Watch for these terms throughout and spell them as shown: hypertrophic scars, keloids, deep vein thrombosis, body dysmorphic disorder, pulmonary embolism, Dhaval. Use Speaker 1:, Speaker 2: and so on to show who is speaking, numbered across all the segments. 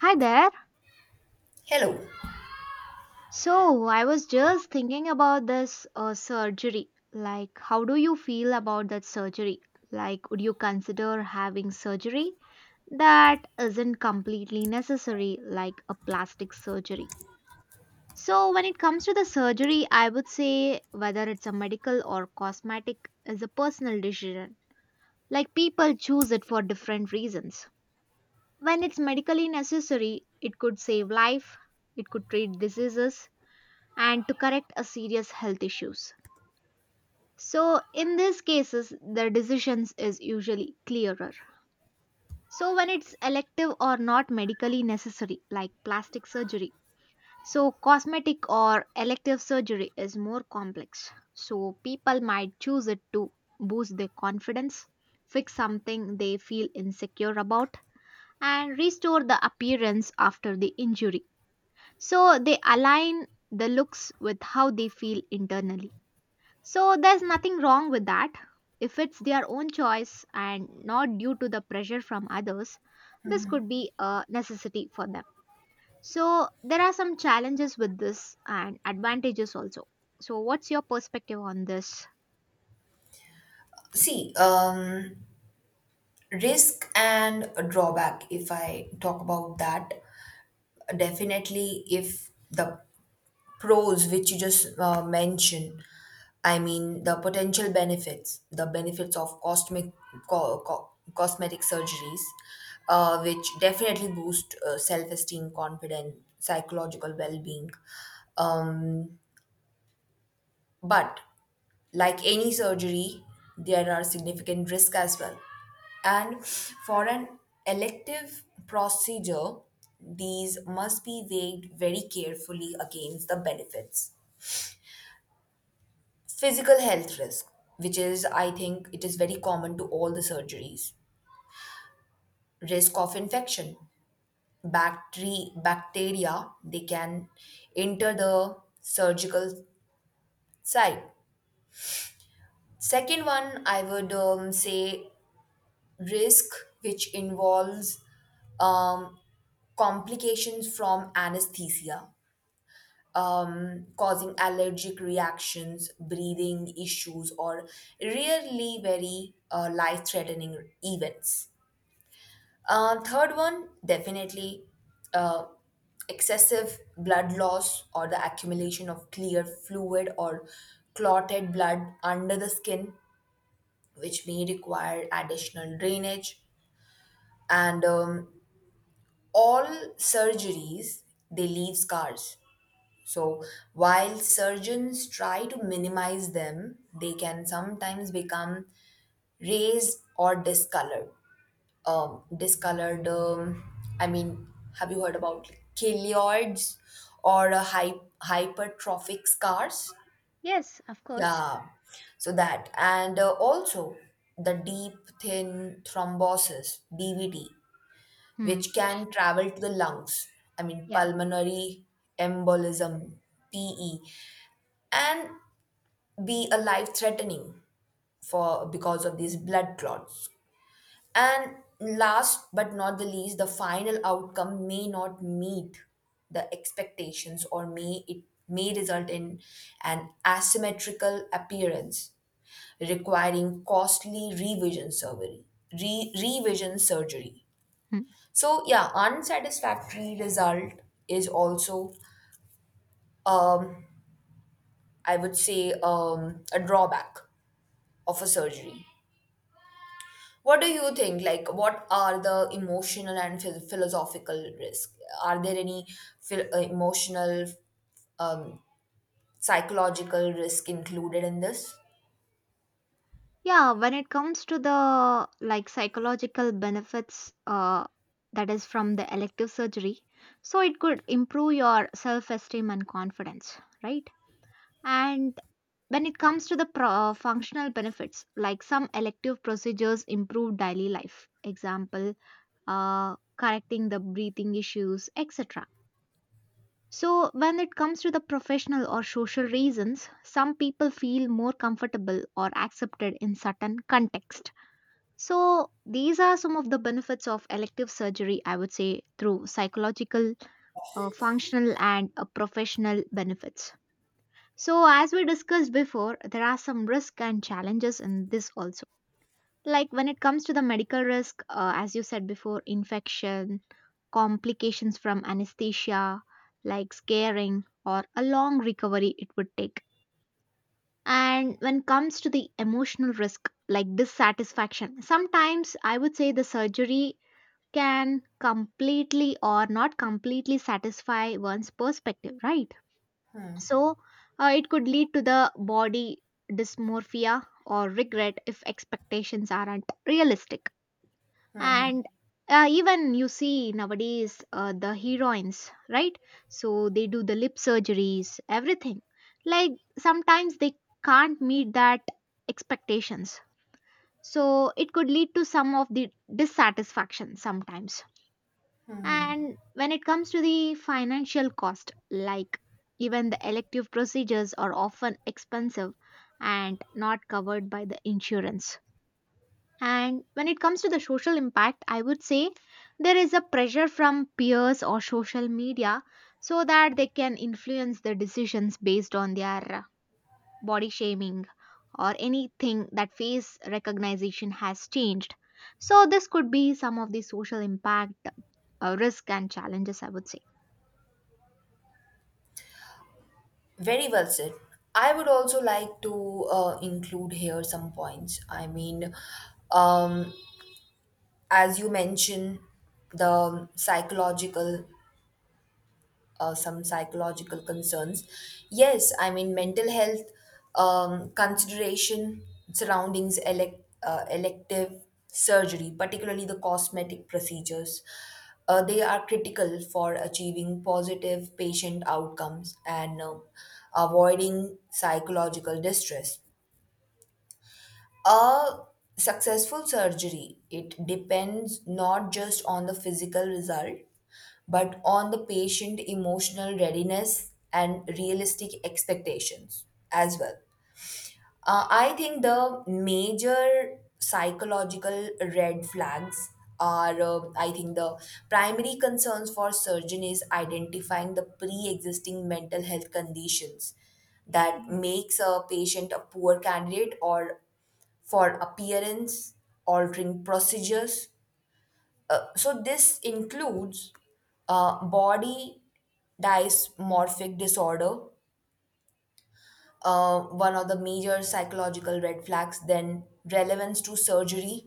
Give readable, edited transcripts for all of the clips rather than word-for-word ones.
Speaker 1: Hi there.
Speaker 2: Hello.
Speaker 1: So, I was just thinking about this surgery. Like, how do you feel about that surgery? Like, would you consider having surgery that isn't completely necessary, like a plastic surgery? So, when it comes to the surgery, I would say whether it's a medical or cosmetic is a personal decision. Like, people choose it for different reasons. When it's medically necessary, it could save life, it could treat diseases and to correct a serious health issues. So in these cases, the decisions is usually clearer. So when it's elective or not medically necessary, like plastic surgery, so cosmetic or elective surgery is more complex. So people might choose it to boost their confidence, fix something they feel insecure about, and restore the appearance after the injury. So they align the looks with how they feel internally. So there's nothing wrong with that. If it's their own choice and not due to the pressure from others, this could be a necessity for them. So there are some challenges with this and advantages also. So what's your perspective on this?
Speaker 2: See, um, Risk and drawback, if I talk about that, definitely if the pros which you just mentioned, I mean the potential benefits, the benefits of co- co- cosmetic surgeries, which definitely boost self-esteem, confidence, psychological well-being. Um, but Like any surgery, there are significant risks as well. And for an elective procedure, these must be weighed very carefully against the benefits. Physical health risk, which is, I think, it is very common to all the surgeries. Risk of infection. Bacteria, they can enter the surgical site. Second one, I would say risk, which involves um, complications from anesthesia, causing allergic reactions, breathing issues, or really very life threatening events. Third one, definitely uh, excessive blood loss or the accumulation of clear fluid or clotted blood under the skin, which may require additional drainage. And All surgeries, they leave scars, so while surgeons try to minimize them, they can sometimes become raised or discolored. um, discolored um, i mean have you heard about keloids or hypertrophic scars?
Speaker 1: Yes, of course.
Speaker 2: Yeah, so that, and also the deep thin thrombosis, DVT,
Speaker 1: Hmm.
Speaker 2: which can travel to the lungs. I mean,
Speaker 1: Yeah.
Speaker 2: pulmonary embolism, PE, and be a life threatening for because of these blood clots. And last but not the least, the final outcome may not meet the expectations, or may it may result in an asymmetrical appearance requiring costly revision surgery.
Speaker 1: Hmm.
Speaker 2: So yeah, unsatisfactory result is also, um, I would say, a drawback of a surgery. What do you think? Like, what are the emotional and philosophical risk? Are there any emotional, um, psychological risk included in this?
Speaker 1: Yeah, when it comes to the like psychological benefits that is from the elective surgery, so it could improve your self-esteem and confidence, right? And when it comes to the functional benefits, like some elective procedures improve daily life, example, correcting the breathing issues, etc. So, when it comes to the professional or social reasons, some people feel more comfortable or accepted in certain context. So, these are some of the benefits of elective surgery, I would say, through psychological, functional, and professional benefits. So, as we discussed before, there are some risks and challenges in this also. Like when it comes to the medical risk, as you said before, infection, complications from anesthesia, like scaring, or a long recovery it would take. And when it comes to the emotional risk, like dissatisfaction, sometimes I would say the surgery can completely or not completely satisfy one's perspective, right? So, it could lead to the body dysmorphia or regret if expectations aren't realistic. And even you see nowadays the heroines, right? So, they do the lip surgeries, everything. Like, sometimes they can't meet that expectations. So, it could lead to some of the dissatisfaction sometimes, and when it comes to the financial cost, like even the elective procedures are often expensive and not covered by the insurance. And when it comes to the social impact, I would say there is a pressure from peers or social media so that they can influence the decisions based on their body shaming, or anything that face recognition has changed. So, this could be some of the social impact, risk, and challenges, I would say.
Speaker 2: Very well said. I would also like to include here some points. I mean, um, as you mentioned, the psychological some psychological concerns. Yes, I mean mental health consideration surroundings elective surgery, particularly the cosmetic procedures. They are critical for achieving positive patient outcomes and avoiding psychological distress. A successful surgery, it depends not just on the physical result, but on the patient emotional readiness and realistic expectations as well. I think the major psychological red flags are, I think, the primary concerns for surgeon is identifying the pre-existing mental health conditions that makes a patient a poor candidate or for appearance altering procedures. So, this includes body dysmorphic disorder, one of the major psychological red flags, then relevance to surgery,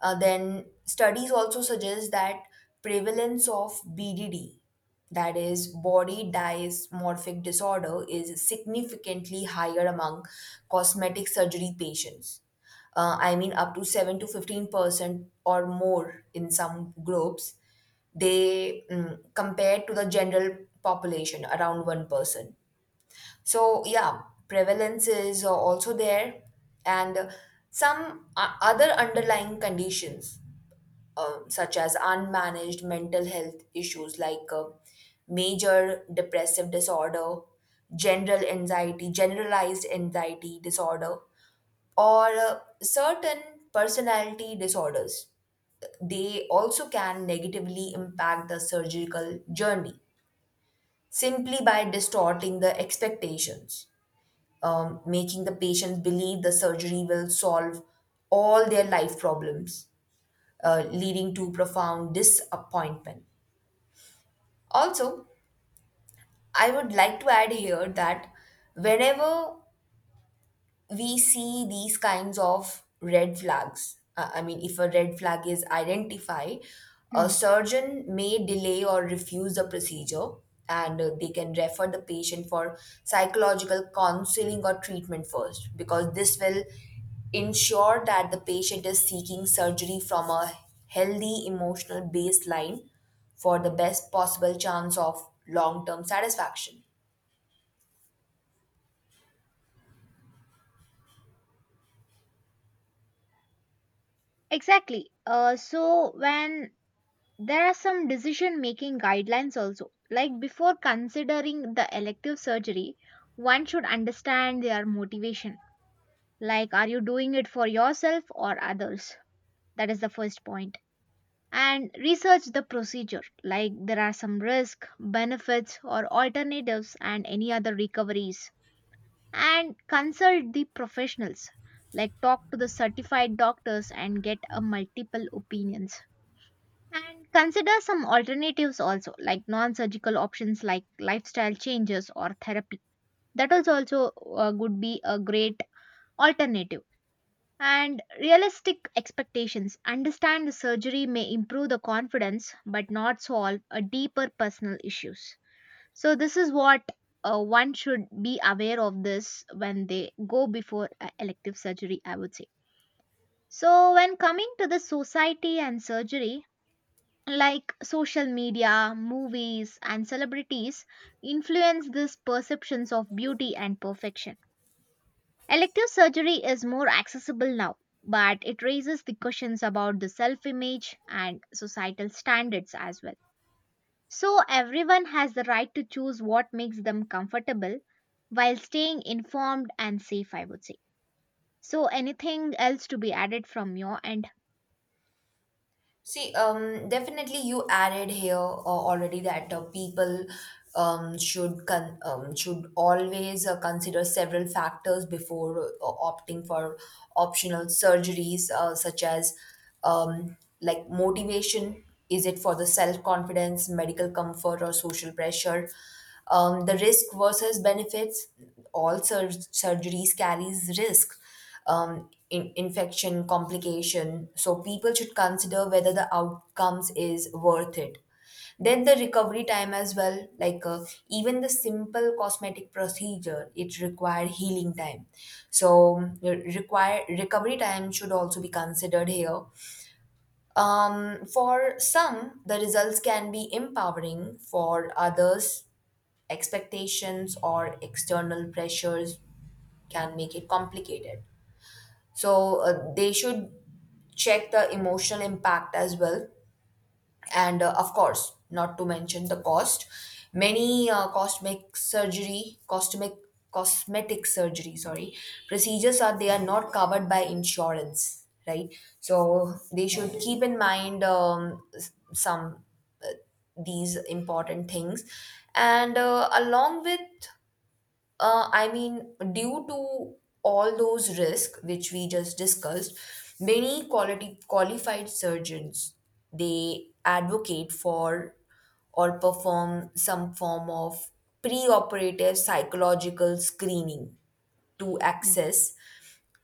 Speaker 2: then studies also suggest that prevalence of BDD, that is body dysmorphic disorder, is significantly higher among cosmetic surgery patients. I mean, up to 7 to 15% or more in some groups, they mm, compared to the general population around 1%. So, yeah, prevalence is also there, and some other underlying conditions such as unmanaged mental health issues like major depressive disorder, generalized anxiety disorder, or certain personality disorders. They also can negatively impact the surgical journey simply by distorting the expectations, making the patient believe the surgery will solve all their life problems, leading to profound disappointment. Also, I would like to add here that whenever we see these kinds of red flags. I mean, if a red flag is identified, a
Speaker 1: Hmm.
Speaker 2: surgeon may delay or refuse the procedure, and they can refer the patient for psychological counseling or treatment first, because this will ensure that the patient is seeking surgery from a healthy emotional baseline for the best possible chance of long term satisfaction.
Speaker 1: Exactly. So when there are some decision making guidelines also, like before considering the elective surgery, one should understand their motivation. Like, are you doing it for yourself or others? That is the first point. And research the procedure, like there are some risk benefits or alternatives and any other recoveries, and consult the professionals, like talk to the certified doctors and get a multiple opinions, and consider some alternatives also, like non-surgical options like lifestyle changes or therapy, that is also would be a great alternative, and realistic expectations. Understand the surgery may improve the confidence but not solve a deeper personal issues. So this is what one should be aware of this when they go before a elective surgery, I would say. So when coming to the society and surgery, like social media, movies and celebrities influence these perceptions of beauty and perfection. Elective surgery is more accessible now, but it raises the questions about the self image and societal standards as well. So, everyone has the right to choose what makes them comfortable while staying informed and safe, I would say. So, anything else to be added from your end?
Speaker 2: Definitely you added here already that people should always consider several factors before opting for optional surgeries, such as um, like motivation. Is it for the self confidence, medical comfort, or social pressure? The risk versus benefits. Surgeries carries risk, infection, complication. So people should consider whether the outcomes is worth it. Then the recovery time as well, like even the simple cosmetic procedure, it require healing time. So require recovery time should also be considered here. For some, the results can be empowering. For others, expectations or external pressures can make it complicated, so they should check the emotional impact as well, and of course not to mention the cost. Many cosmetic surgery, sorry, procedures are, they are not covered by insurance, right? So they should keep in mind some uh, these important things, and along with I mean, due to all those risks which we just discussed, many quality qualified surgeons, they advocate for or perform some form of preoperative psychological screening to
Speaker 1: Yeah.
Speaker 2: access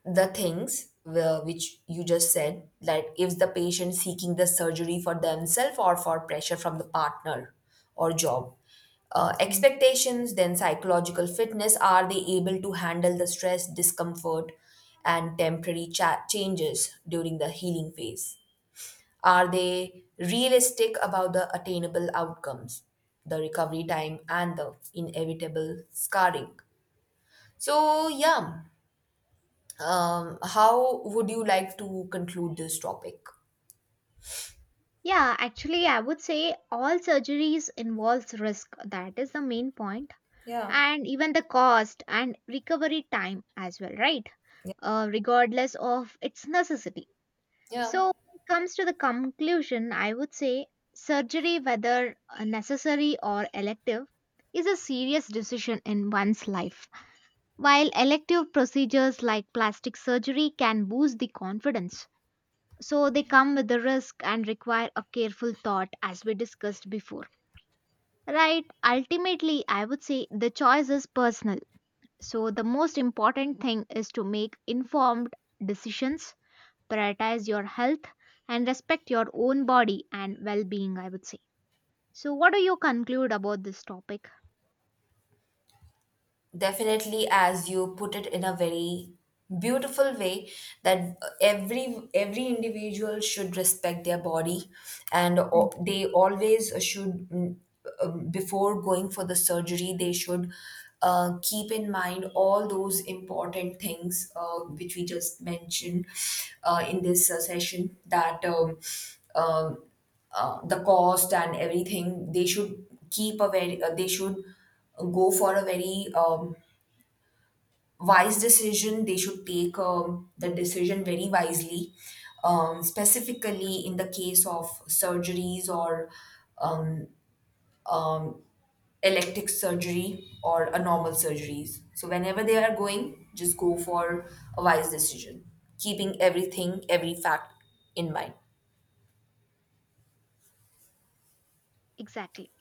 Speaker 2: the things which you just said, that if the patient seeking the surgery for themselves or for pressure from the partner or job
Speaker 1: Mm.
Speaker 2: expectations, then psychological fitness, are they able to handle the stress discomfort and temporary changes during the healing phase? Are they realistic about the attainable outcomes, the recovery time and the inevitable scarring? So yeah, how would you like to conclude this topic?
Speaker 1: Yeah, actually, I would say all surgeries involves risk. That is the main point,
Speaker 2: Yeah.
Speaker 1: and even the cost and recovery time as well, right?
Speaker 2: Yeah.
Speaker 1: Regardless of its necessity.
Speaker 2: Yeah,
Speaker 1: So, when it comes to the conclusion, I would say surgery, whether necessary or elective, is a serious decision in one's life. While elective procedures like plastic surgery can boost the confidence, so they come with the risk and require a careful thought, as we discussed before. Right, ultimately, I would say the choice is personal. So, the most important thing is to make informed decisions, prioritize your health, and respect your own body and well being, I would say. So, what do you conclude about this topic?
Speaker 2: definitely, as you put it in a very beautiful way, that every individual should respect their body, and
Speaker 1: Mm.
Speaker 2: they always should mm, before going for the surgery, they should keep in mind all those important things which we just mentioned in this session. That. Um, the cost and everything, they should keep a very they should go for a very wise decision, they should take the decision very wisely, specifically in the case of surgeries or um, um, elective surgery or a normal surgeries, so whenever they are going, just go for a wise decision, keeping everything, every fact, in mind.
Speaker 1: Exactly.